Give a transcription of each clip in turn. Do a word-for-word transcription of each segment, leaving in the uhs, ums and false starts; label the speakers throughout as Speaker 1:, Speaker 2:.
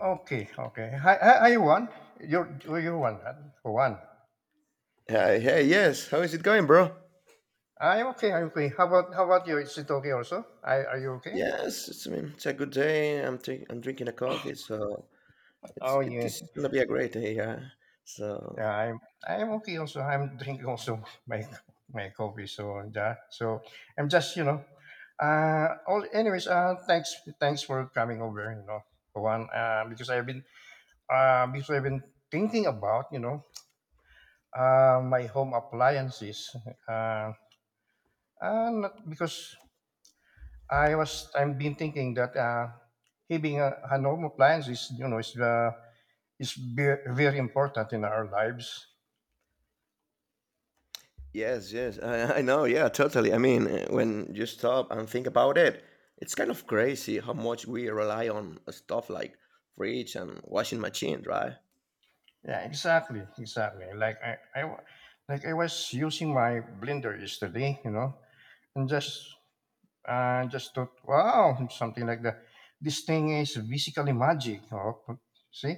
Speaker 1: Okay, okay. Hi, hi, hi, Juan. You're, you're one, right? Juan.
Speaker 2: Hey, hey, yes. How is it going, bro?
Speaker 1: I'm okay, I'm okay. How about, how about you? Is it okay also? I, are you okay?
Speaker 2: Yes, it's, I mean it's a good day. I'm drink, I'm drinking a coffee, so it's
Speaker 1: Oh,
Speaker 2: it,
Speaker 1: yeah.
Speaker 2: this is gonna be a great day. Yeah. So
Speaker 1: Yeah, I'm, I'm okay also. I'm drinking also my, my coffee, so yeah. so I'm just, you know, uh, all, anyways, uh, thanks, thanks for coming over, you know, Juan, uh, because I've been, uh, because I've been thinking about, you know, uh, my home appliances, uh, uh, not because I was I've been thinking that uh, having a, a home appliance is you know is uh, is ve- very important in our lives.
Speaker 2: yes, yes, I, I know. Yeah, totally. I mean, uh, when you stop and think about it, it's kind of crazy how much we rely on stuff like fridge and washing machine, right?
Speaker 1: Yeah, exactly, exactly. Like I, I wa- like I was using my blender yesterday, you know, and just uh, just thought, wow, something like that. This thing is basically magic. Oh, see,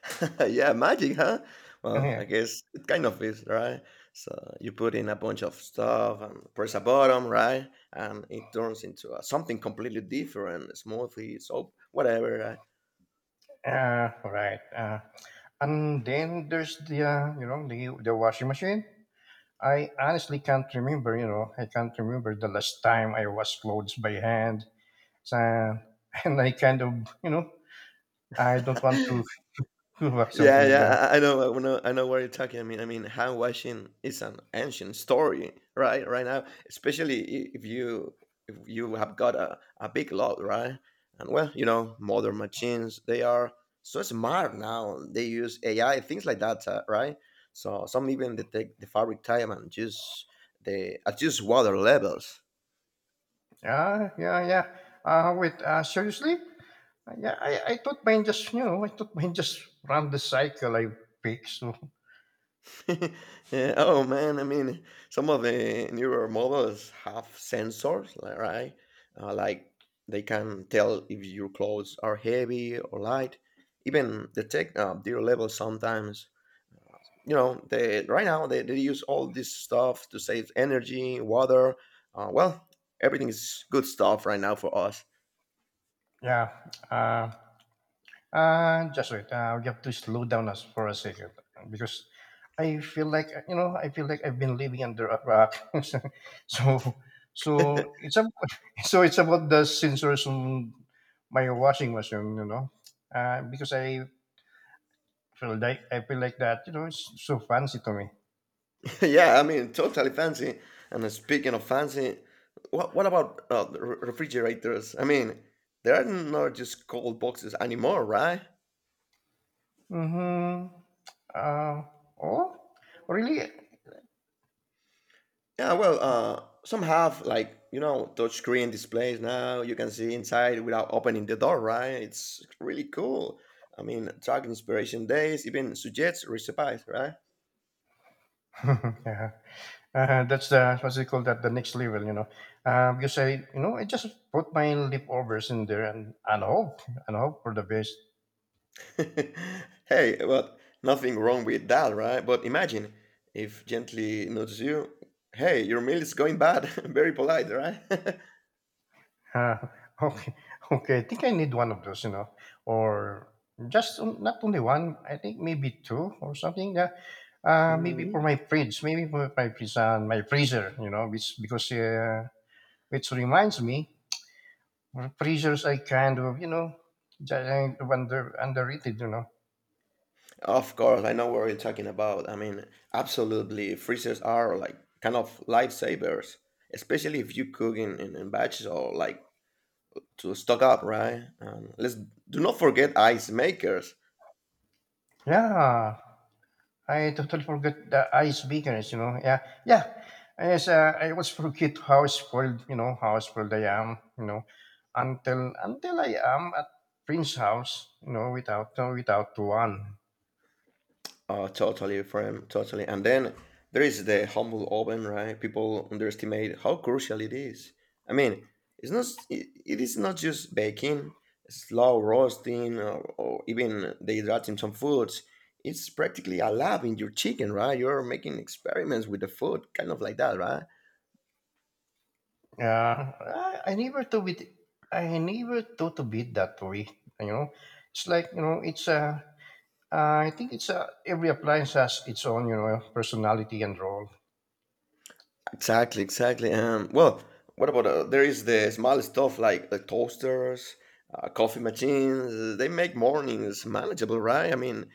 Speaker 2: Yeah, magic, huh? Well, I
Speaker 1: yeah,
Speaker 2: guess it kind of is, right? So you put in a bunch of stuff and press a button, right? And it turns into uh something completely different, smoothie, soap, whatever,
Speaker 1: uh, right. Uh, and then there's the uh, you know the the washing machine. I honestly can't remember, you know, I can't remember the last time I washed clothes by hand. So, and I kind of, you know, I don't want
Speaker 2: right?
Speaker 1: to do like something
Speaker 2: Yeah,
Speaker 1: like that.
Speaker 2: yeah, I I- know, I know, I know what you're talking. I mean, I mean, hand washing is an ancient story, right? Right now, especially i- if you if you have got a, a big lot, right? And well, you know, modern machines they are so smart now. They use A I, things like that, uh, right? So some even detect the fabric type and just the adjust water levels.
Speaker 1: Yeah, yeah, yeah. Uh, wait, uh, seriously? Uh, Yeah, I, I thought mine just, you know, I thought mine just ran the cycle I picked. So,
Speaker 2: Yeah, oh man, I mean, some of the newer models have sensors, li- right? Uh, like they can tell if your clothes are heavy or light, even detect uh, their level sometimes. You know, they right now they, they use all this stuff to save energy, water. Uh, well, everything is good stuff right now for us.
Speaker 1: yeah. Uh, Uh, just wait. Uh, we have to slow down us for a second uh, because I feel like uh, you know I feel like I've been living under a rock. so so it's about so it's about the sensors on my washing machine, you know, uh, because I feel like I feel like that you know it's so fancy to me.
Speaker 2: Yeah, I mean, totally fancy. And uh, speaking of fancy, what what about uh, the re- refrigerators? I mean, they are not just cold boxes anymore, right?
Speaker 1: Mm-hmm. Uh, oh, really?
Speaker 2: Yeah, well, uh, some have like you know touchscreen displays now. You can see inside without opening the door, right? It's really cool. I mean, track inspiration days, even suggests recipes, right?
Speaker 1: Yeah. Uh, that's the what's it called that the next level, you know. Um, because I, you know, I just put my leftovers in there and and hope and hope for the best.
Speaker 2: Hey, well, nothing wrong with that, right? But imagine if gently notice you, hey, your meal is going bad. Very polite, right?
Speaker 1: Uh, okay, okay. I think I need one of those, you know, or just on- not only one. I think maybe two or something. Yeah. Uh, maybe for
Speaker 2: Mhm.
Speaker 1: my fridge, maybe for my fridge and my freezer, you know, which because uh, which reminds me, freezers I kind of, you know, just, uh, under underrated, you know.
Speaker 2: Of course, I know what you're talking about. I mean, absolutely, freezers are like kind of lifesavers, especially if you cook in, in, in batches or like to stock up, right? Um, let's do not forget ice makers.
Speaker 1: Yeah. I totally forgot the ice beakers, you know. Yeah, yeah. Yes, uh, I always forget how spoiled, you know, how spoiled I am, you know, until until I am at Prince's house, you know, without no, without one.
Speaker 2: Uh, totally, friend, totally. And then there is the humble oven, right? People underestimate how crucial it is. I mean, it's not. It, it is not just baking, slow roasting, or, or even dehydrating some foods. It's practically a lab in your chicken, right? You're making experiments with the food, kind of like that, right?
Speaker 1: Yeah, I, I never thought it. I never thought of it that way, you know. It's like you know, it's uh, uh, I think it's uh, every appliance has its own, you know, personality and role.
Speaker 2: Exactly, exactly. Um, well, what about uh, there is the small stuff like the toasters, uh, coffee machines? They make mornings manageable, right? I mean,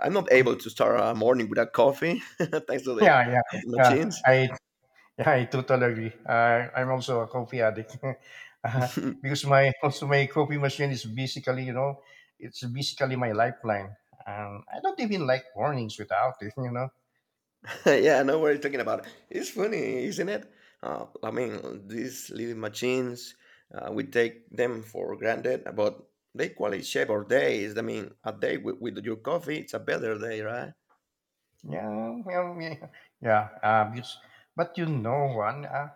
Speaker 2: I'm not able to start a morning without coffee, thanks to the
Speaker 1: Yeah, yeah.
Speaker 2: coffee
Speaker 1: Uh,
Speaker 2: machines.
Speaker 1: I Yeah, I totally agree. I, I'm also a coffee addict. Uh, because my also my coffee machine is basically you know it's basically my lifeline. Um, I don't even like mornings without it. You know.
Speaker 2: Yeah, I know what you're talking about. It's funny, isn't it? Uh, I mean, these little machines, uh, we take them for granted, but they quality shape our days. I mean, a day with, with your coffee, it's a better day, right?
Speaker 1: Yeah, yeah, yeah. yeah uh, because, but you know, one, uh,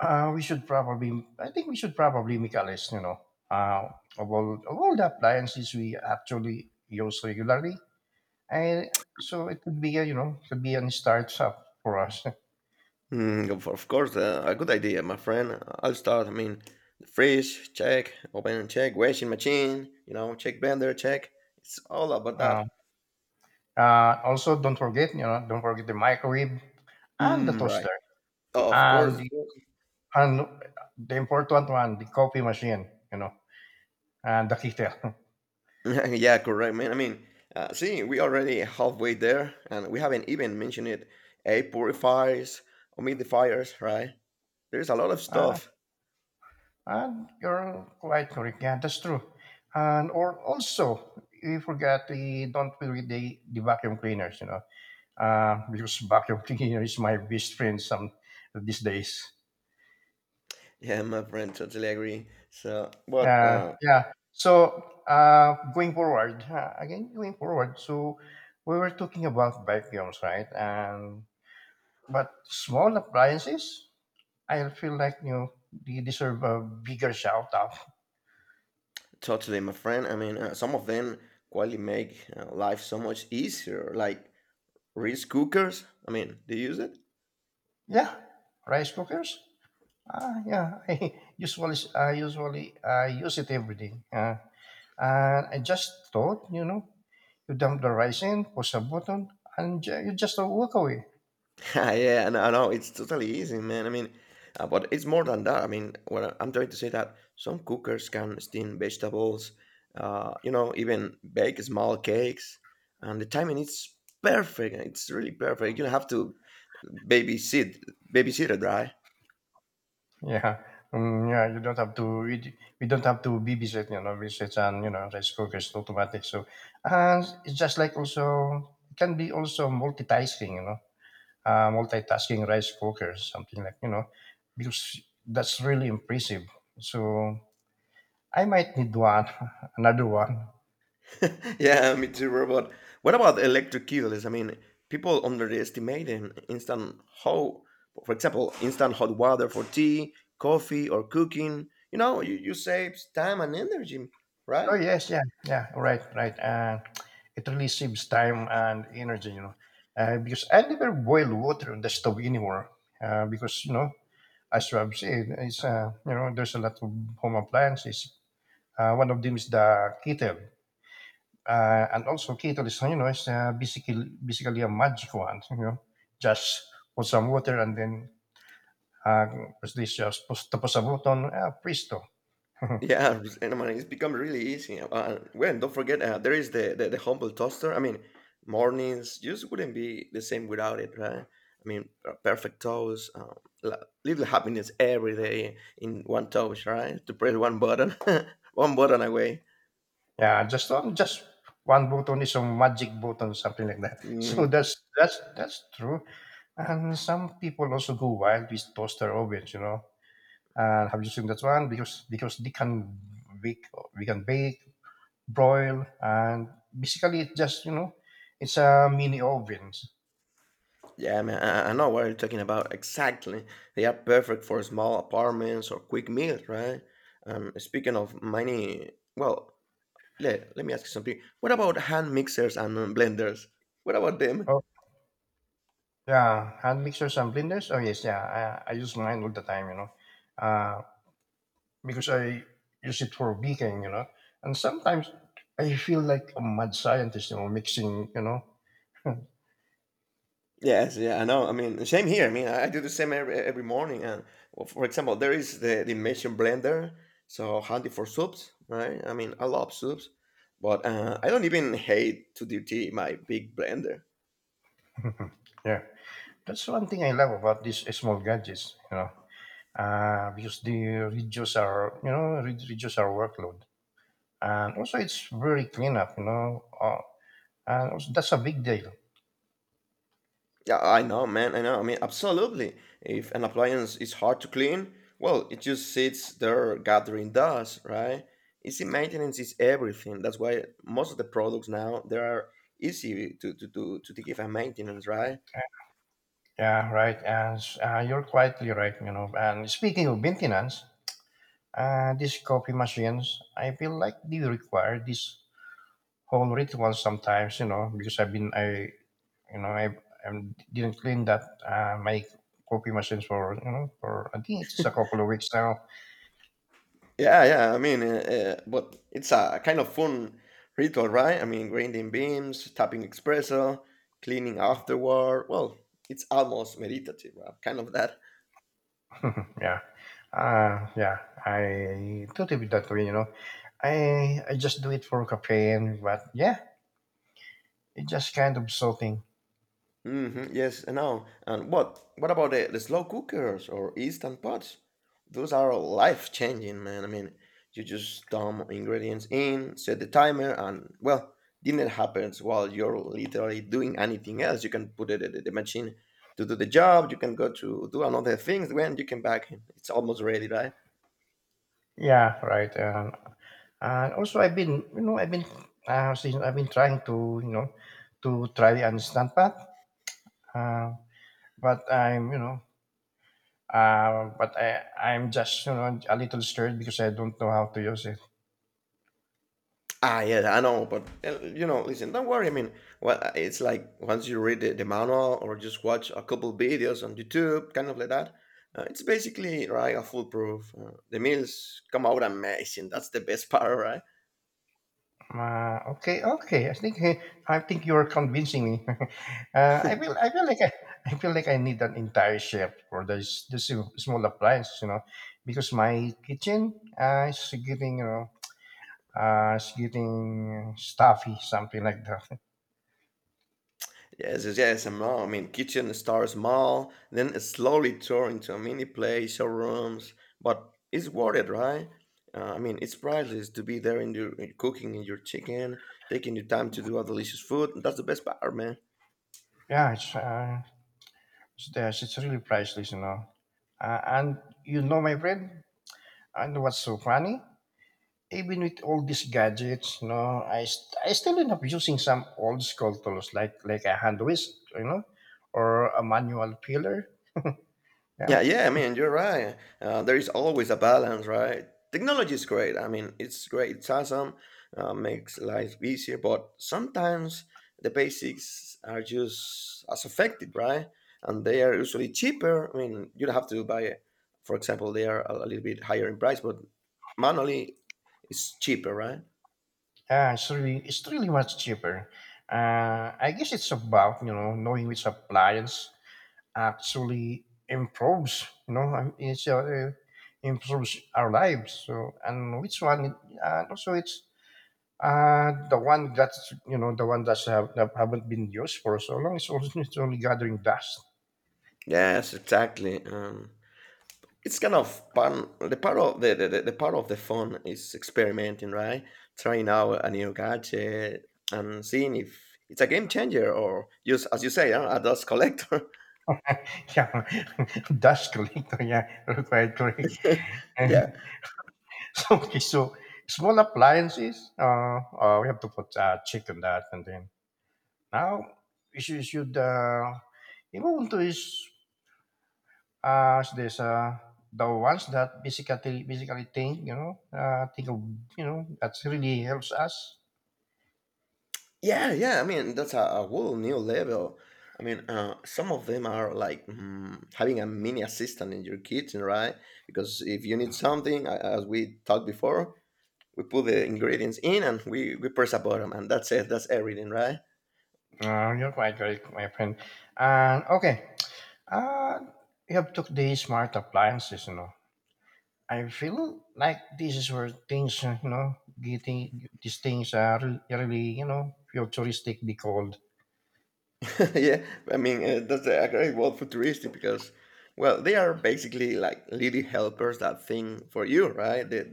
Speaker 1: uh, we should probably. I think we should probably make a list. You know, uh, of all of all the appliances we actually use regularly, and so it could be a you know it could be a start up for us.
Speaker 2: Mm, of of course, uh, a good idea, my friend. I'll start. I mean, fridge check, open, check, washing machine, you know, check blender check. It's all about that.
Speaker 1: Um, Uh, also, don't forget, you know, don't forget the microwave and the
Speaker 2: Mm, right.
Speaker 1: toaster
Speaker 2: Of
Speaker 1: and
Speaker 2: course.
Speaker 1: the, and the important one, the coffee machine, you know, and the kettle.
Speaker 2: Yeah, correct, man. I mean, uh, see, we already halfway there, and we haven't even mentioned it. Air purifiers, humidifiers, right? There's a lot of
Speaker 1: Uh,
Speaker 2: stuff.
Speaker 1: and you're quite correct. Yeah, that's true. And or also, we forgot the don't forget the, the vacuum cleaners, you know, uh, because vacuum cleaner is my best friend some these days.
Speaker 2: Yeah, my friend, totally agree. So, but
Speaker 1: Uh,
Speaker 2: uh,
Speaker 1: yeah. So uh, going forward, uh, again going forward. So we were talking about vacuums, right? And But small appliances, I feel like you know, they deserve a bigger shout out.
Speaker 2: totally, my friend. I mean, uh, some of them quite make uh, life so much easier. Like rice cookers. I mean, do you use it?
Speaker 1: Yeah, rice cookers. Uh, yeah, I usually I usually I use it every day. Uh, and I just thought, you know, you dump the rice in, push a button, and ju- you just walk away.
Speaker 2: Yeah, I know, I know. It's totally easy, man. I mean, uh, but it's more than that. I mean, what I- I'm trying to say that some cookers can steam vegetables, uh, you know, even bake small cakes, and the timing is perfect. It's really perfect. You don't have to babysit, babysit it, right?
Speaker 1: Yeah, um, yeah. You don't have to. We, d- we don't have to babysit, you know, babysit and you know, rice cookers automatic. So, and it's just like also it can be also multitasking, you know, uh, multitasking rice cooker, something like you know, because that's really impressive. So I might need one, another one.
Speaker 2: Yeah, me too, robot. What about electric kettles? I mean, people underestimate in- instant how, for example, instant hot water for tea, coffee, or cooking. You know, you, you save time and energy,
Speaker 1: Oh
Speaker 2: right?
Speaker 1: yes, yeah, yeah. Right, right. And it really saves time and energy, you know, uh, because I never boil water on the stove anymore. Uh, because you know as Rob said, is, uh, you know, there's a lot of home appliances. Uh, one of them is the kettle. Uh, and also kettle is, you know, it's uh, basically, basically a magic one, you know, just put some water and then uh, press this, just push, tapos a button, uh, presto.
Speaker 2: Yeah, and I mean, it's become really easy. Uh, well, and well, don't forget, uh, there is the, the the humble toaster. I mean, mornings just wouldn't be the same without it, right? I mean, uh, perfect toast, um, la- little happiness every day in one toast, right? To press one button, one button away.
Speaker 1: yeah, just on, just one button is a magic button, something like that. So
Speaker 2: Mm,
Speaker 1: that's, that's, that's true. And some people also go wild with toaster ovens, you know. And have using that one because because they can bake we can bake broil and basically it's just you know it's a mini ovens.
Speaker 2: yeah, man, I, I know what you're talking about exactly. They are perfect for small apartments or quick meals, right? Um, speaking of money, well, let, let me ask you something. What about hand mixers and uh, blenders? What about them?
Speaker 1: Oh yeah, hand mixers and blenders. Oh yes yeah i, I use mine all the time you know uh, because I use it for baking you know and sometimes I feel like a mad scientist you know mixing you know.
Speaker 2: Yes, yeah, I know. I mean, same here. I mean, I do the same every, every morning. And well, for example, there is the, the immersion blender, so handy for soups, right? I mean, I love soups, but uh, I don't even hate to dirty my big blender.
Speaker 1: Yeah that's one thing I love about these small gadgets you know uh, because they reduce our you know re- reduce our workload and also it's very clean up you know uh, and also that's a big deal.
Speaker 2: Yeah, I know, man. I know. I mean, absolutely. If an appliance is hard to clean, well, it just sits there gathering dust, right? Easy maintenance is everything. That's why most of the products now they are easy to to to to give a maintenance, right?
Speaker 1: Yeah right and uh, you're quietly right you know and speaking of maintenance uh, these coffee machines I feel like they require this whole ritual sometimes you know because I've been I you know i, I didn't clean that uh, my coffee machines for you know for I think it's a couple of weeks now.
Speaker 2: Yeah, yeah. I mean, uh, uh, but it's a kind of fun ritual, right? I mean, grinding beans, tapping espresso, cleaning afterward. Well, it's almost meditative, right? Kind of that.
Speaker 1: Yeah. Uh, yeah. I totally with that way, you know. I I just do it for caffeine, but yeah, it's just kind of something.
Speaker 2: Mm-hmm, yes, I know. And what what about the, the slow cookers or instant pots? Those are life changing, man. I mean, you just dump ingredients in, set the timer, and well, dinner happens while you're literally doing anything else. You can put it in the, the machine to do the job. You can go to do another things. When you can back in, it's almost ready, right?
Speaker 1: Yeah, right. And and also I've been you know I've been uh, since I've been trying to you know to try and stand path. Uh, but I'm you know uh, but I I'm just you know a little scared because I don't know how to use it.
Speaker 2: Ah, yeah, I know, but uh, you know, listen, don't worry. I mean, well, uh, it's like once you read the, the manual or just watch a couple videos on YouTube, kind of like that. Uh, it's basically right a foolproof. Uh, the meals come out amazing. That's the best part, right?
Speaker 1: Uh, okay, okay. I think I think you are convincing me. uh, I feel I feel like I, I feel like I need an entire chef for this this small appliance, you know, because my kitchen uh, is getting you know uh, it's getting stuffy, something like that.
Speaker 2: Yes, yes, yes, I know. I mean, kitchen starts small, then it slowly turn into a mini place, showrooms, but it's worth it, right? Uh, I mean, it's priceless to be there in your in cooking in your chicken, taking your time to do a delicious food. That's the best part, man.
Speaker 1: Yeah, it's uh, it's, there's- it's really priceless, you know. Uh, and you know, my friend, and what's so funny? Even with all these gadgets, you know, I, st- I still end up using some old school tools like like a hand whisk, you know, or a manual peeler. Yeah,
Speaker 2: Yeah, yeah, I mean, you're right. Uh, there is always a balance, right? Technology is great. I mean, it's great. It's awesome. Uh, makes life easier, but sometimes the basics are just as effective, right? And they are usually cheaper. I mean, you don't have to buy it. For example, they are a a little bit higher in price, but manually it's cheaper, right?
Speaker 1: yeah, it's really it's really much cheaper. Uh, I guess it's about you know knowing which appliance actually improves, you know, um, it's uh, improves our lives. So and which one? Uh, also, it's uh the one that's you know the one that's have, that haven't been used for so long. It's only it's only gathering dust.
Speaker 2: Yes, exactly. Um, it's kind of fun. The part of the, the, the, the part of the fun is experimenting, right? Trying out a new gadget and seeing if it's a game changer or just as you say, uh, a dust collector.
Speaker 1: いや、that's correct. Yeah, quite correct. And
Speaker 2: Yeah,
Speaker 1: so, okay, so small appliances. Uh, uh, we have to put uh, check on that, and then now we should, should uh, you know, to is uh, so there's uh, the ones that basically basically think, you know, uh, think of, you know, that really helps us.
Speaker 2: yeah, yeah. I mean, that's a, a whole new level. I mean, uh, some of them are like mm, having a mini assistant in your kitchen, right? Because if you need something, a- as we talked before, we put the ingredients in and we, we press a button, and that's it. That's everything, right?
Speaker 1: Uh, you're quite correct, my friend. And okay, uh, we have took the smart appliances, you know. I feel like this is where things, uh, you know, getting these things are re- really, you know, futuristically called.
Speaker 2: Yeah, I mean uh, that's a great word futuristic because, well, they are basically like little helpers that think for you, right? They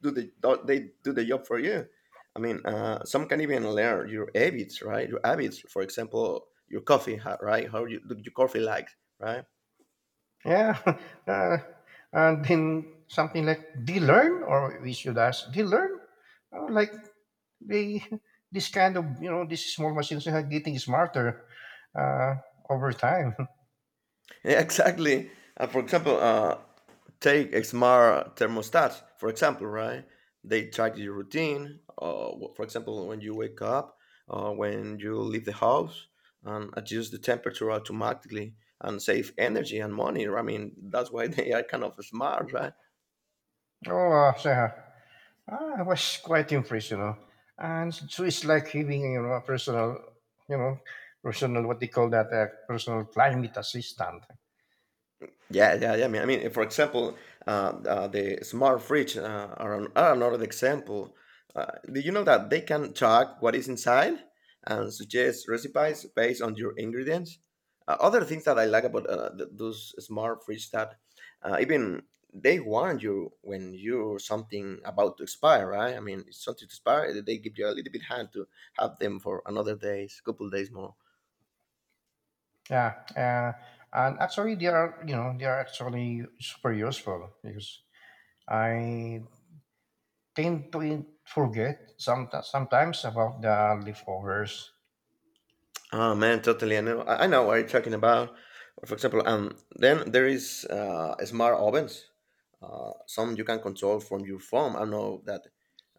Speaker 2: do the they do the job for you. I mean, uh, some can even learn your habits, right? Your habits, for example, your coffee, ha- right? How you do your coffee like, right?
Speaker 1: Yeah. Uh, and then something like they learn, or we should ask, they learn? Uh, like they, this kind of, you know, these small machines are getting smarter uh, over time.
Speaker 2: Yeah, exactly. Uh, for example, uh, take X M R thermostats, for example, right? They track your routine. Uh, for example, when you wake up, uh, when you leave the house, and adjust the temperature automatically and save energy and money. I mean, that's why they are kind of smart, right?
Speaker 1: Oh, uh, so, ah, I was quite impressed, you know. And so it's like having you know a personal, you know, personal what they call that uh, personal climate assistant.
Speaker 2: Yeah, yeah, yeah. I mean, I mean, for example, uh, uh, the smart fridge uh, are, an- are another example. Uh, do you know that they can track what is inside and suggest recipes based on your ingredients? Uh, other things that I like about uh, th- those smart fridge that uh, even they warn you when you're something about to expire, right? I mean, it's something to expire. They give you a little bit hand to have them for another days, couple days more.
Speaker 1: Yeah, uh, and actually they are you know they are actually super useful because I tend to in- forget some sometimes about the leftovers.
Speaker 2: Oh man, totally. I know. I I know what you're talking about. For example, um, then there is uh, smart ovens. Uh, some you can control from your phone. I know that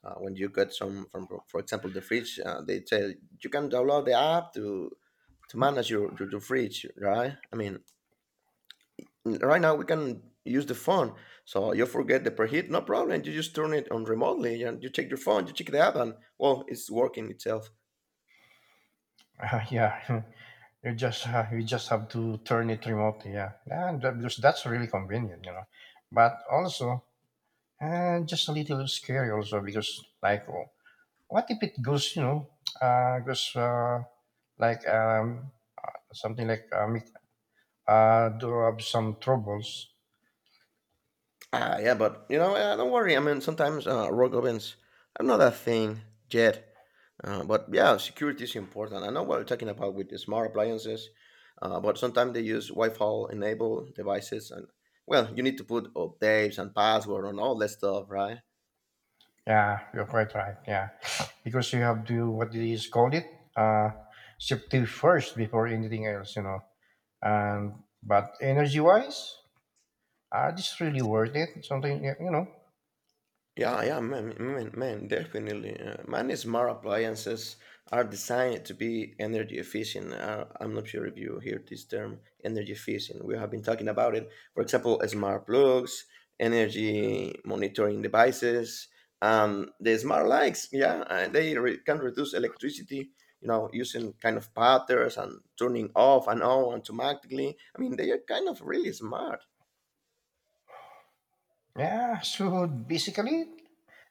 Speaker 2: uh, when you get some from, for example, the fridge, uh, they tell you can download the app to to manage your, your your fridge, right? I mean, right now we can use the phone, so you forget the preheat, no problem. You just turn it on remotely, and you check your phone, you check the app, and well, it's working itself.
Speaker 1: Yeah, you just uh, you just have to turn it remotely. Yeah, and that, because that's really convenient, you know. But also And just a little scary also because like oh, what if it goes, you know, uh goes uh like um something like um it, uh do have some troubles.
Speaker 2: Ah, yeah, but you know, uh, don't worry. I mean, sometimes uh, rogue ovens are not a thing yet. Uh, but yeah, security is important. I know what you're talking about with the smart appliances, uh, but sometimes they use Wi-Fi enabled devices, and well, you need to put updates and password and all that stuff, right?
Speaker 1: Yeah, you're quite right. Yeah. Because you have to what do you call it? Uh Safety first before anything else, you know. And but energy wise, are this really worth it. Something you know.
Speaker 2: Yeah, yeah, man, man, man, definitely. Uh, man, smart appliances are designed to be energy efficient. Uh, I'm not sure if you hear this term, energy efficient. We have been talking about it. For example, smart plugs, energy monitoring devices, um, the smart lights. Yeah, uh, they re- can reduce electricity. You know, using kind of patterns and turning off and on automatically. I mean, they are kind of really smart.
Speaker 1: Yeah, so basically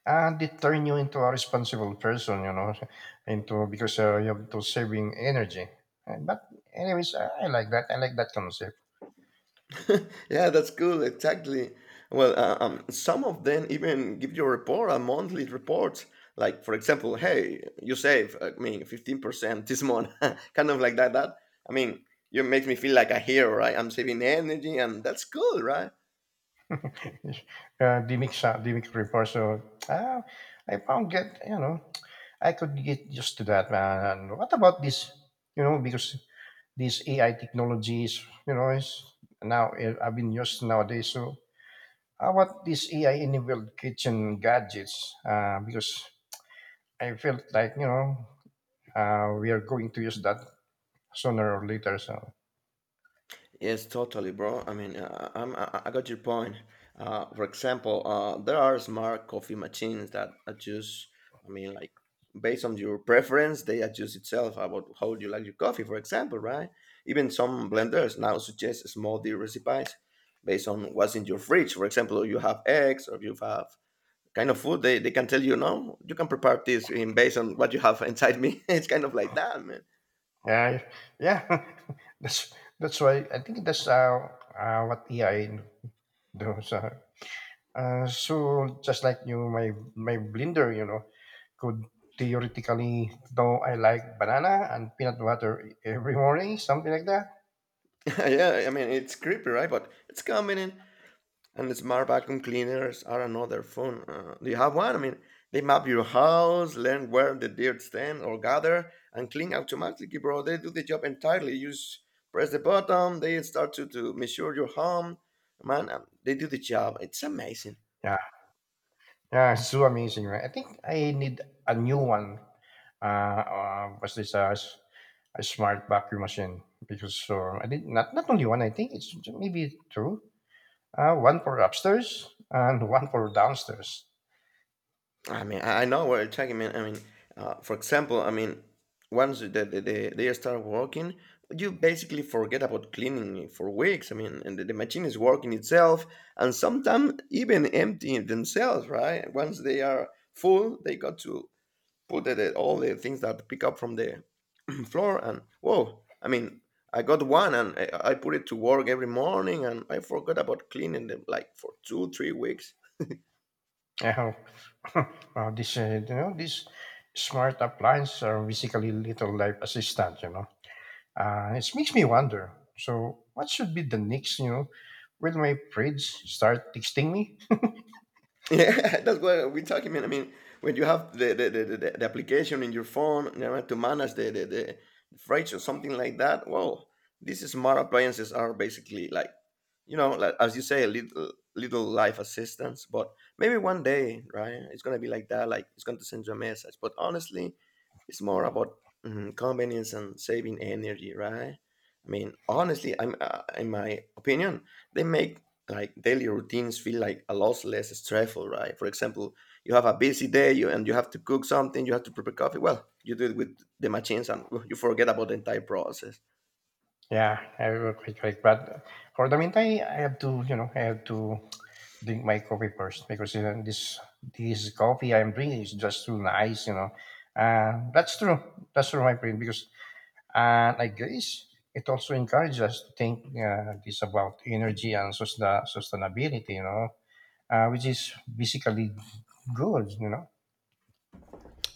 Speaker 1: And it turn you into a responsible person, you know, into because uh, you have to saving energy. Uh, But anyways, uh, I like that. I like that concept.
Speaker 2: Yeah, that's cool. Exactly. Well, uh, um, some of them even give you a report, a monthly report. Like, for example, hey, you save, I mean, fifteen percent this month, kind of like that. That I mean, you make me feel like a hero, right? I'm saving energy, and that's cool, right?
Speaker 1: uh, the mix, uh, the mix report. So uh, I found get, you know, I could get used to that, man. And what about this? You know, because these A I technologies, you know, is now eh, I've been used nowadays. So how about these A I enabled kitchen gadgets? Uh, because I felt like, you know, uh, we are going to use that sooner or later. So
Speaker 2: Yes, totally, bro. I mean, uh, I'm, I I got your point. Uh, for example, uh, there are smart coffee machines that adjust, I mean, like based on your preference, they adjust itself about how you like your coffee, for example, right? Even some blenders now suggest smoothie recipes based on what's in your fridge. For example, you have eggs or you have kind of food, they, they can tell you, no, you can prepare this in based on what you have inside me. It's kind of like that, man.
Speaker 1: yeah, yeah, that's that's why I think that's uh, uh, what A I does. So, uh, so just like you, my my blender, you know, could theoretically know I like banana and peanut butter every morning, something like that.
Speaker 2: Yeah, I mean, it's creepy, right? But it's coming in. And smart vacuum cleaners are another fun. Uh, do you have one? I mean, they map your house, learn where the dirt stand or gather, and clean automatically, bro. They do the job entirely. You just press the button, they start to, to measure your home. Man, um, they do the job. It's amazing.
Speaker 1: Yeah, yeah, it's so amazing, right? I think I need a new one. Uh, uh what's this? Uh, a smart vacuum machine because uh, I did not not only one. I think it's maybe two. Uh, one for upstairs and one for downstairs.
Speaker 2: I mean, I I know what you're talking about. I mean, uh, for example, I mean, once the, the, the, they start working, you basically forget about cleaning it for weeks. I mean, and the, the machine is working itself, and sometimes even emptying themselves, right? Once they are full, they got to put the, the- all the things that pick up from the floor, and whoa, I mean, I got one, and I, I put it to work every morning, and I forgot about cleaning them like for two, three weeks.
Speaker 1: Uh, uh, this uh, you know these smart appliances are basically little life assistant. You know, uh, it makes me wonder. So what should be the next? You know, will my fridge start texting me?
Speaker 2: Yeah, that's what we're talking about. I mean, when you have the the, the, the, the application in your phone, you know, to manage the, the, the freight or something like that, well, these smart appliances are basically like, you know, like, as you say, a little little life assistance. But maybe one day, right? It's gonna be like that. Like it's going to send you a message. But honestly, it's more about mm, convenience and saving energy, right? I mean, honestly, I'm uh, in my opinion, they make like daily routines feel like a lot less stressful, right? For example, you have a busy day you, and you have to cook something, you have to prepare coffee. Well, you do it with the machines, and well, you forget about the entire process.
Speaker 1: Yeah, I will quite quite. But for the meantime, I have to you know I have to drink my coffee first because you know, this this coffee I'm drinking is just too nice, you know. Uh, that's true. That's true, my friend. Because and I guess it also encourages us to think uh, this about energy and sustain- sustainability, you know, uh, which is basically good, you know.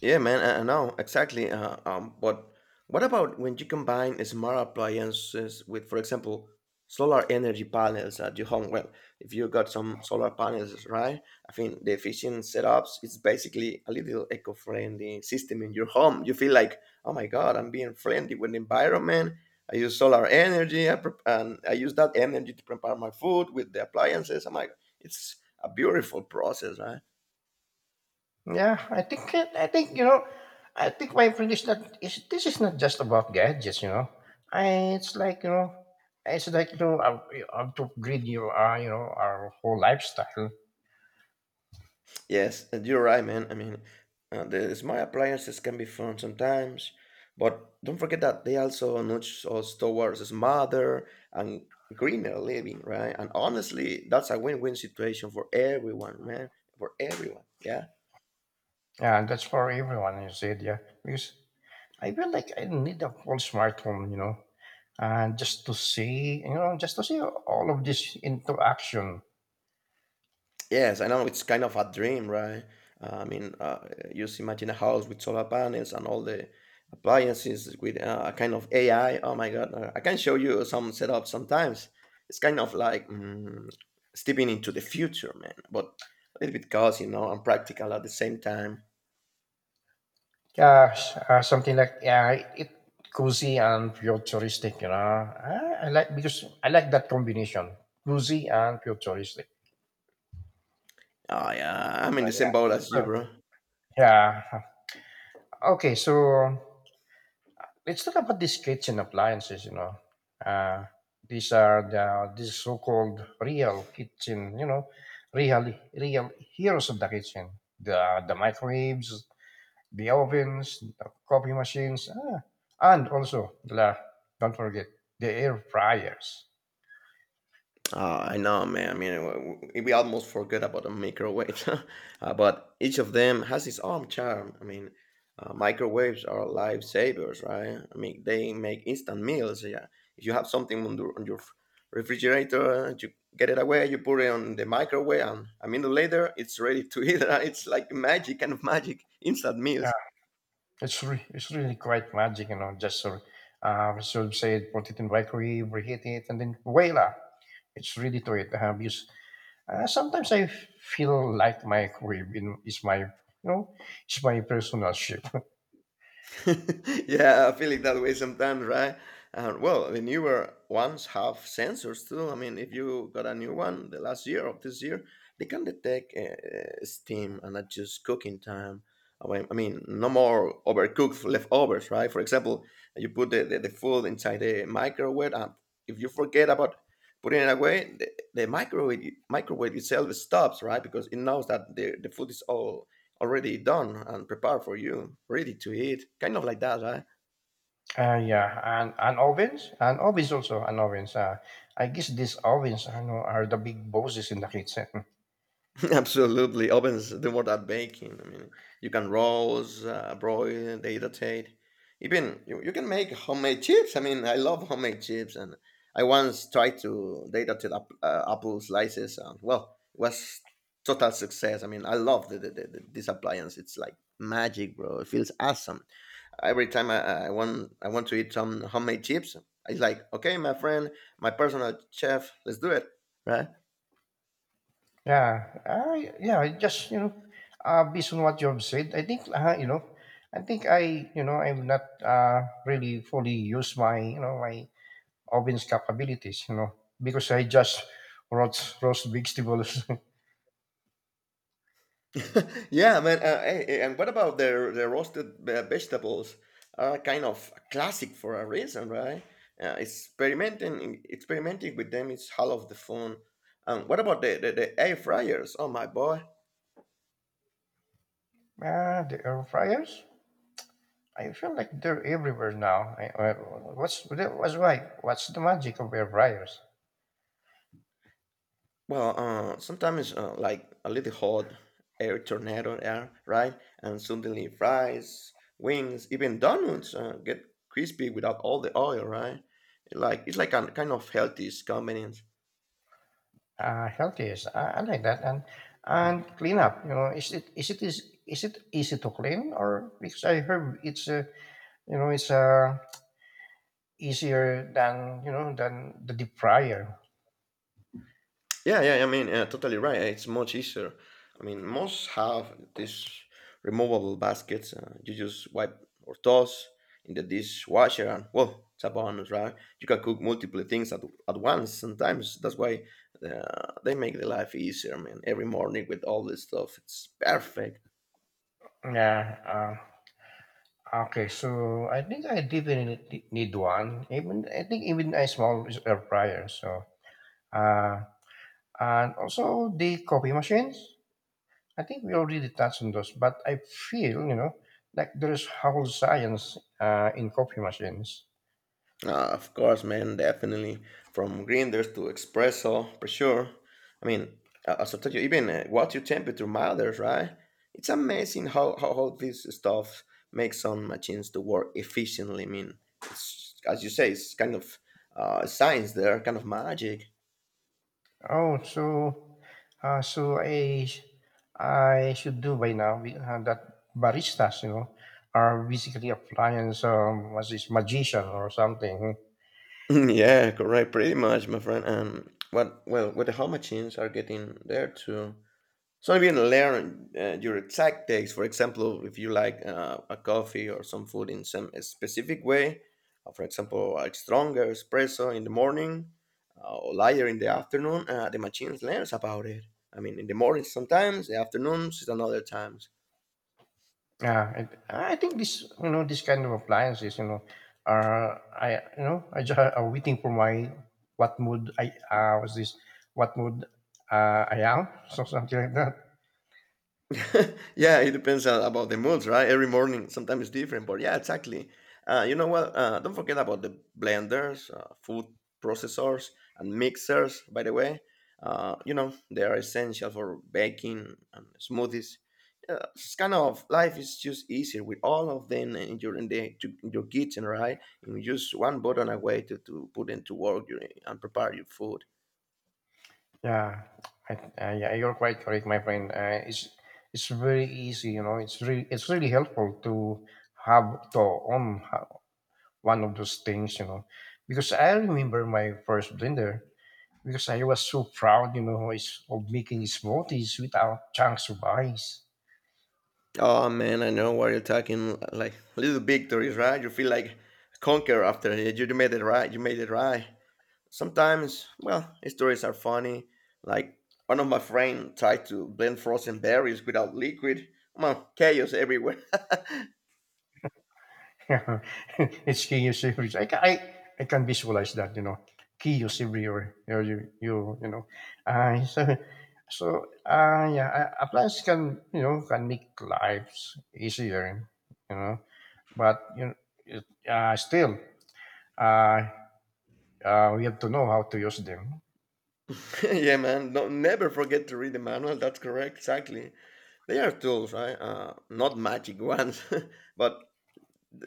Speaker 2: Yeah, man, I I know exactly. Uh, um, but what about when you combine smart appliances with, for example, solar energy panels at your home? Well, if you got some solar panels, right? I think the efficient setups is basically a little eco-friendly system in your home. You feel like, oh my God, I'm being friendly with the environment. I use solar energy, I prep- and I use that energy to prepare my food with the appliances. I'm like, it's a beautiful process, right?
Speaker 1: Yeah, I think it- I think you know, I think my friend is not is this is not just about gadgets, you know. I it's like you know, it's like you know, uh, you have to upgrade your uh, you know our whole lifestyle.
Speaker 2: Yes, and you're right, man. I mean, uh, the smart appliances can be fun sometimes, but don't forget that they also nudge us towards smarter and greener living, right? And honestly, that's a win-win situation for everyone, man. For everyone. Yeah.
Speaker 1: Yeah, and that's for everyone. You said yeah, because I feel like I need a whole smartphone, you know, and just to see you know just to see all of this into action.
Speaker 2: Yes, I know it's kind of a dream, right? Uh, I mean, uh, just imagine a house with solar panels and all the appliances with uh, a kind of A I. Oh my God, uh, I can show you some setup sometimes. It's kind of like mm, stepping into the future, man, but a little bit cozy, you know, and practical at the same time.
Speaker 1: Yeah, s- uh, something like yeah, it cozy and futuristic. You know, I, I like because I like that combination, cozy and futuristic.
Speaker 2: Oh yeah, I'm
Speaker 1: So,
Speaker 2: in the
Speaker 1: yeah,
Speaker 2: same boat as
Speaker 1: so,
Speaker 2: you, bro.
Speaker 1: yeah. Okay, so let's talk about these kitchen appliances. You know, uh, these are the these so-called real kitchen. You know, real real heroes of the kitchen. The the microwaves, the ovens, the coffee machines, ah, and also the la- don't forget the air fryers.
Speaker 2: Uh, I know, man. I mean, w- w- we almost forgot about the microwave, uh, but each of them has its own charm. I mean, uh, microwaves are lifesavers, right? I mean, they make instant meals. Yeah, if you have something on, the, on your f- refrigerator, you get it away, you put it on the microwave, and a minute later, it's ready to eat. It's like magic, kind of magic, instant
Speaker 1: Yeah,
Speaker 2: meals.
Speaker 1: it's re- it's really quite magic, you know. Just sort of, uh, so say put it in microwave, reheat it, and then voila, it's ready to eat. Uh, because uh, sometimes I feel like microwave in, is my you know is my personal ship. uh,
Speaker 2: Yeah, I feel it that way sometimes, right? And well, the newer ones have sensors too. I mean, if you got a new one the last year or this year, they can detect uh, steam and adjust cooking time. I mean, I mean, no more overcooked leftovers, right? For example, you put the, the, the food inside the microwave, and if you forget about putting it away, the, the microwave microwave itself stops, right? Because it knows that the, the food is all already done and prepared for you, ready to eat, kind of like that, right?
Speaker 1: yeah, and and ovens and ovens also and ovens. Uh, I guess these ovens I know are the big bosses in the kitchen.
Speaker 2: Absolutely, ovens do more than baking. I mean, you can roast, uh, broil, dehydrate, even you, you can make homemade chips. I mean, I love homemade chips, and I once tried to dehydrate up, uh, apple slices, and well, it was total success. I mean, I love the, the, the, this appliance. It's like magic, bro. It feels awesome. Every time I, I want I want to eat some homemade chips, it's like, okay, my friend, my personal chef, let's do it, right?
Speaker 1: Yeah, I yeah, just you know, uh, based on what you have said, I think uh, you know, I think I you know I'm not uh, really fully used my you know my oven's capabilities, you know, because I just roast roast vegetables.
Speaker 2: Yeah, man. Uh, hey, hey, and what about the the roasted uh, vegetables? Are kind of a classic for a reason, right? Uh, experimenting experimenting with them is half of the fun. Um, what about the, the, the air fryers? Oh my boy,
Speaker 1: Ah, the air fryers. I feel like they're everywhere now. I, I, what's what's why? What's the magic of air fryers?
Speaker 2: well, uh, sometimes uh, like a little hot air tornado, yeah, right? And suddenly fries, wings, even donuts uh, get crispy without all the oil, right? Like it's like a kind of healthy combination.
Speaker 1: Uh, healthiest. I, I like that. And and clean up. You know, is it is it is is it easy to clean or because I heard it's uh, you know it's uh, easier than you know than the deep fryer.
Speaker 2: Yeah, yeah, I mean, yeah, totally right. It's much easier. I mean, most have these removable baskets. Uh, you just wipe or toss in the dishwasher, and well, it's a bonus, right? You can cook multiple things at, at once sometimes. That's why uh, they make the life easier, man. Every morning with all this stuff, it's perfect.
Speaker 1: Yeah. Uh, okay. So I think I definitely need one. Even I think even a small air fryer. So uh, and also the coffee machines. I think we already touched on those, but I feel you know like there's whole science uh, in coffee machines.
Speaker 2: Uh, of course, man, definitely. From grinders to espresso, for sure. I mean, I- as I told you, even uh, water temperature matters, right? It's amazing how, how all this stuff makes some machines to work efficiently. I mean, it's, as you say, it's kind of uh, science there, kind of magic.
Speaker 1: Oh, so, uh, so I, I should do by now we- uh, that baristas, you know, are basically applying some what's this magician or something.
Speaker 2: Mm, Yeah, correct, pretty much, my friend. And what, well, what the home machines are getting there too. So maybe you learn uh, your exact taste. For example, if you like uh, a coffee or some food in some specific way, uh, for example, a stronger espresso in the morning uh, or lighter in the afternoon, uh, the machines learns about it. I mean, in the morning sometimes, the afternoons is another times.
Speaker 1: Yeah, and I think this, you know, this kind of appliances, you know, are I, you know, I just are waiting for my what mood I uh, was this, what mood uh, I am, so something like that.
Speaker 2: Yeah, it depends uh, about the moods, right? Every morning, sometimes it's different, but yeah, exactly. Uh, you know what? Uh, don't forget about the blenders, uh, food processors, and mixers. By the way, uh, you know they are essential for baking and smoothies. Uh, it's kind of life is just easier with all of them in your in the to, in your kitchen, right? You just one button away to, to put into work your, and prepare your food.
Speaker 1: Yeah, I, uh, yeah, you're quite correct, my friend. Uh, it's it's very easy, you know. It's really it's really helpful to have to own ho- one of those things, you know, because I remember my first blender because I was so proud, you know, is- of making smoothies without chunks of ice.
Speaker 2: Oh man, I know what you're talking. Like little victories, right? You feel like a conqueror after it. You made it right. You made it right. Sometimes, well, stories are funny. Like one of my friends tried to blend frozen berries without liquid. Man, chaos everywhere.
Speaker 1: it's key chaos everywhere. I, ca- I, I can visualize that, you know, chaos everywhere. You, know, you, you, you know. Uh, so, so uh, yeah, uh, appliance can, you know, can make lives easier, you know, but, you know, it, uh, still, uh, uh, we have to know how to use them.
Speaker 2: Yeah, man. No, never forget to read the manual. That's correct. Exactly. They are tools, right? Uh, not magic ones, but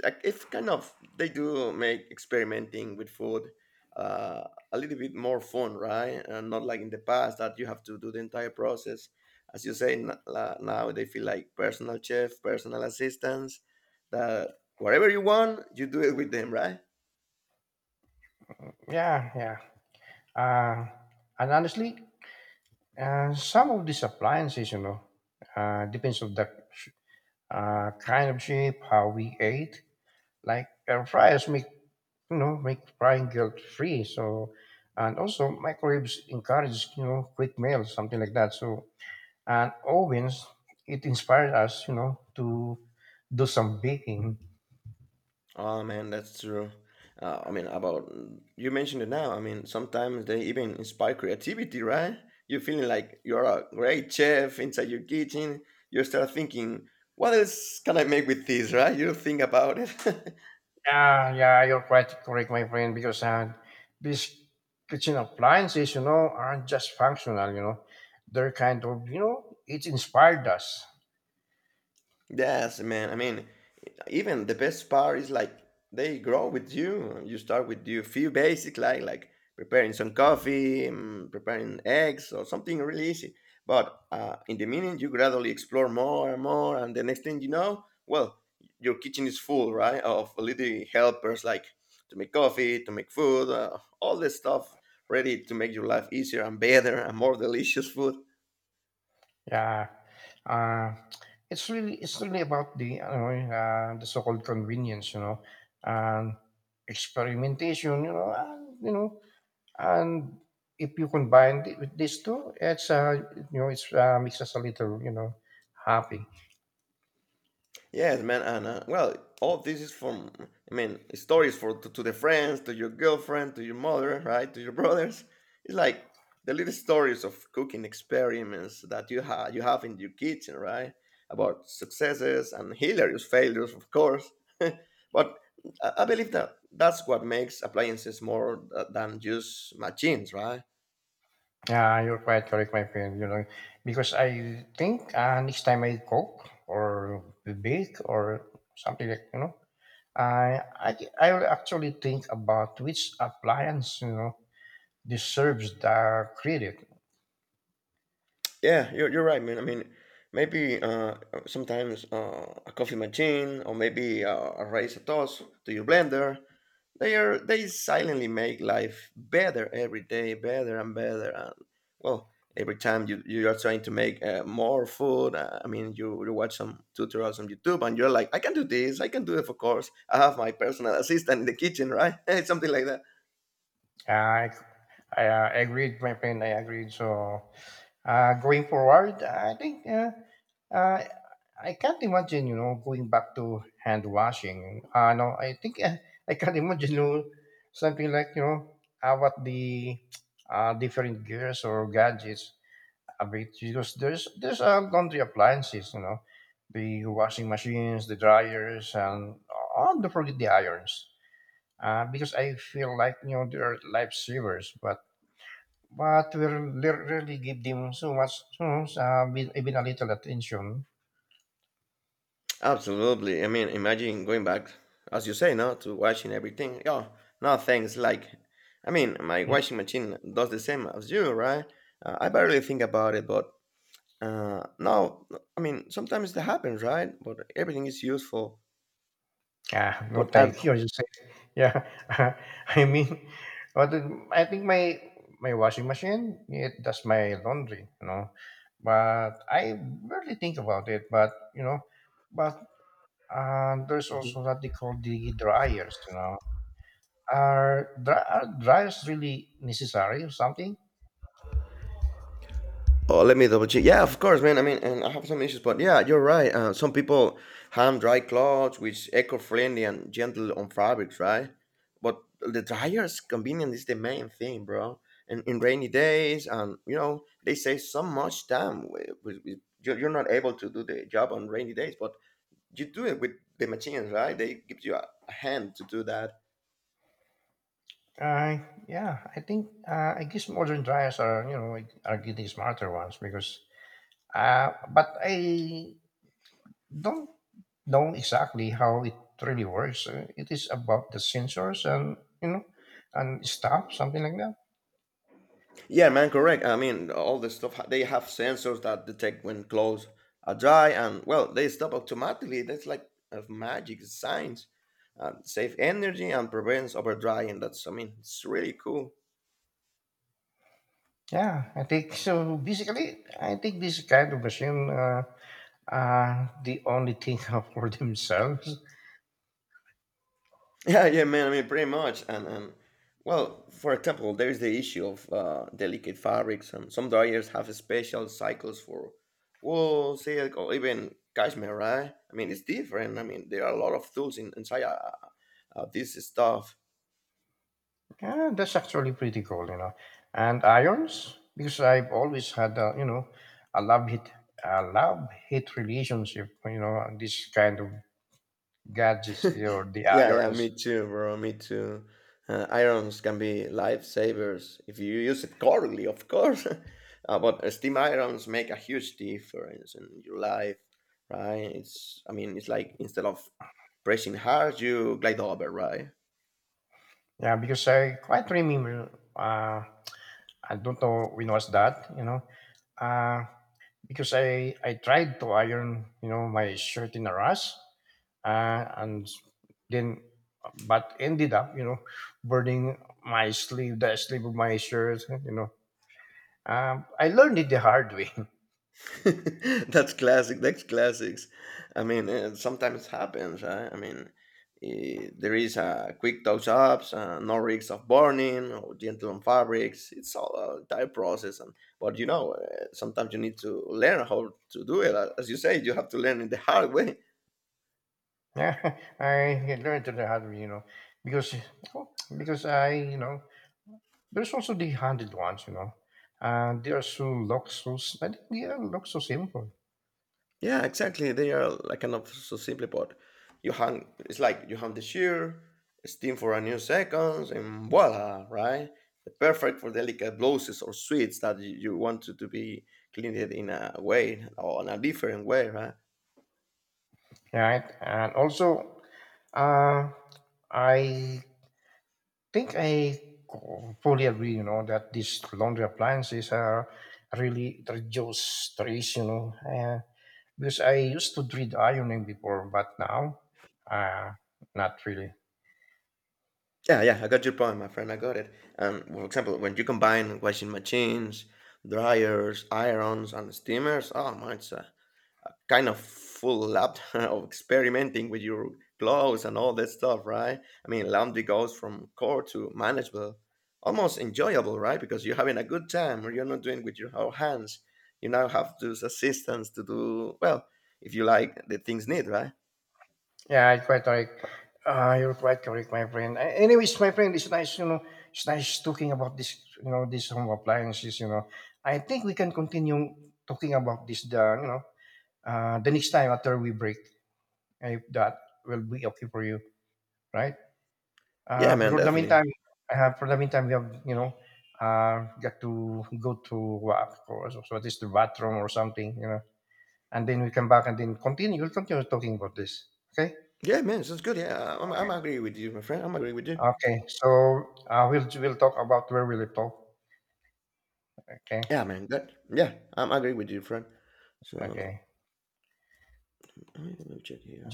Speaker 2: like, it's kind of they do make experimenting with food uh, a little bit more fun, right? And not like in the past that you have to do the entire process. As you say n- la- now, they feel like personal chef, personal assistants. That whatever you want, you do it with them, right?
Speaker 1: Yeah, yeah. Uh, and honestly, uh, some of these appliances, you know, uh, depends on the uh, kind of shape, how we ate, like air fryers make you know make frying guilt free so and also microwaves encourage you know quick meals something like that so and ovens it inspired us you know to do some baking
Speaker 2: Oh man, that's true. Uh, I mean, about you mentioned it now. I mean, sometimes they even inspire creativity, right? You're feeling like you're a great chef inside your kitchen. You start thinking, what else can I make with this, right? You think about it.
Speaker 1: yeah yeah you're quite correct my friend because uh, these kitchen appliances you know aren't just functional you know they're kind of you know it inspired us.
Speaker 2: Yes, man. I mean, even the best part is like they grow with you. You start with you few basic like like preparing some coffee, mm, preparing eggs, or something really easy. But uh, in the meaning, you gradually explore more and more, and the next thing you know, well, your kitchen is full, right, of little helpers like to make coffee, to make food, uh, all this stuff ready to make your life easier and better and more delicious food.
Speaker 1: Yeah, uh, it's really it's really about the you know, uh, the so-called convenience, you know, and experimentation, you know, and you know, and if you combine it with these two, it's uh, you know, it's uh, makes us a little, you know, happy.
Speaker 2: Yes, man, and uh, well, all this is from, I mean, stories for to, to the friends, to your girlfriend, to your mother, right, to your brothers. It's like the little stories of cooking experiments that you have you have in your kitchen, right? About successes and hilarious failures, of course. But I, I believe that that's what makes appliances more th- than just machines, right?
Speaker 1: Yeah, you're quite correct, my friend. You know, because I think uh, next time I cook or bake or something like you know, I I I will actually think about which appliance, you know deserves the credit.
Speaker 2: Yeah, you're you're right, man. I mean, maybe uh, sometimes uh, a coffee machine or maybe uh, a rice toast to your blender, they are they silently make life better every day, better and better. And well, every time you you are trying to make uh, more food, uh, I mean, you you watch some tutorials on YouTube and you're like, I can do this, I can do it. Of course, I have my personal assistant in the kitchen, right? Something like that.
Speaker 1: I, I uh, agreed, my friend. I agreed. So, uh, going forward, I think uh, uh, I can't imagine, you know, going back to hand washing. Uh, no, I think uh, I can't imagine you know, something like, you know, uh, what the uh, different gears or gadgets of it. Because there's, there's uh, laundry appliances, you know, the washing machines, the dryers, and uh, don't forget the irons. uh, because I feel like you know they're lifesavers, but but we re- really give them so much, so much, uh, with even a little attention.
Speaker 2: Absolutely. I mean, imagine going back, as you say, no, to washing everything. Oh, no, thanks. Like, I mean, my washing machine does the same as you, right? Uh, I barely think about it, but uh, no, I mean, sometimes that happens, right? But everything is useful.
Speaker 1: Ah, no,
Speaker 2: But are
Speaker 1: thank you. You say, yeah. I mean, what did- I think my my washing machine it does my laundry, you know, but I barely think about it. But you know, but uh, there's also what they call the dryers, you know. Are, dry, are dryers really necessary or something?
Speaker 2: Oh, let me double check. Yeah, of course, man. I mean, and I have some issues, but yeah, you're right. Uh, some people hand dry clothes, which eco-friendly and gentle on fabrics, right? But the dryer's convenience is the main thing, bro. And in rainy days, and you know, they save so much time. With, with, with, you're you're not able to do the job on rainy days, but you do it with the machines, right? They give you a a hand to do that.
Speaker 1: Uh, yeah, I think uh, I guess modern dryers are you know like, are getting smarter ones because uh, but I don't know exactly how it really works. Uh, It is about the sensors and you know and stuff, something like that.
Speaker 2: Yeah, man, correct. I mean, all the stuff ha- they have sensors that detect when clothes are dry, and well, they stop automatically. That's like a magic science. Uh, save energy and prevents over drying. That's I mean, it's really cool.
Speaker 1: Yeah, I think so. Basically, I think this kind of machine uh, uh, they only think of for themselves.
Speaker 2: Yeah, yeah, man. I mean, pretty much. And and well, for example, there is the issue of uh, delicate fabrics. And some dyers have special cycles for wool, silk, or even cashmere. Right? I mean, it's different. I mean, there are a lot of tools in, inside uh, uh, this stuff.
Speaker 1: Yeah, that's actually pretty cool, you know. And irons, because I've always had, a, you know, a love hit, a love hate relationship, you know, and this kind of gadgets or the
Speaker 2: Yeah, yeah, me
Speaker 1: irons.
Speaker 2: too, bro. Me too. Uh, irons can be lifesavers if you use it correctly, of course. Uh, but steam irons make a huge difference in your life, right? It's, I mean, it's like instead of pressing hard, you glide over, right?
Speaker 1: Yeah, because I quite remember. Uh, I don't know when was that, you know, uh, because I I tried to iron, you know, my shirt in a rush, uh, and then but ended up, you know, burning my sleeve, the sleeve of my shirt, you know. Um, I learned it the hard way.
Speaker 2: That's classic. That's classics. I mean, uh, sometimes happens. Right? I mean, eh, there is uh, quick touch-ups, uh, no risks of burning or gentle on fabrics. It's all a entire process, and but you know, uh, sometimes you need to learn how to do it. Uh, As you say, you have to learn it the hard way.
Speaker 1: Yeah, I learned it the hard way, you know, because oh, because I, you know, there's also the handed ones, you know. Uh, they are so look so s- I think they are look so simple,
Speaker 2: Yeah, exactly. They are like kind of so simply put. You hang it's like you hang the shear, steam for a few seconds, and voila, right? The perfect for delicate blouses or sweets that you you want to, to be cleaned in a way or in a different way, right?
Speaker 1: right? And also, uh, I think I fully agree, you know, that these laundry appliances are really reduce stress, you know, uh, because I used to dread ironing before, but now, uh, not really.
Speaker 2: Yeah, yeah, I got your point, my friend. I got it. And for example, when you combine washing machines, dryers, irons, and steamers, oh man, it's a, a kind of full lab of experimenting with your clothes and all that stuff, right? I mean, laundry goes from core to manageable, almost enjoyable, right? Because you're having a good time, or you're not doing with your whole hands. You now have those assistants to do well if you like the things need, right?
Speaker 1: Yeah, I quite like, uh, you're quite correct, my friend. A- Anyways, my friend, it's nice, you know, it's nice talking about this, you know, these home appliances, you know. I think we can continue talking about this, the, you know, uh, the next time after we break, if that will be okay for you, right?
Speaker 2: Yeah,
Speaker 1: Uh,
Speaker 2: man,
Speaker 1: for the
Speaker 2: definitely.
Speaker 1: meantime, I have for the meantime we have you know uh, got to go to what, or so, so at least the bathroom or something you know, and then we come back and then continue. We'll continue talking about this. Okay.
Speaker 2: Yeah, man, sounds good. Yeah, uh, I'm, I'm agree with you, my friend. I'm agree with you.
Speaker 1: Okay. So uh, we'll we'll talk about where we live. Talk. Okay.
Speaker 2: Yeah, man, that yeah, I'm agree with you, friend. So
Speaker 1: Okay.
Speaker 2: let me let me check here.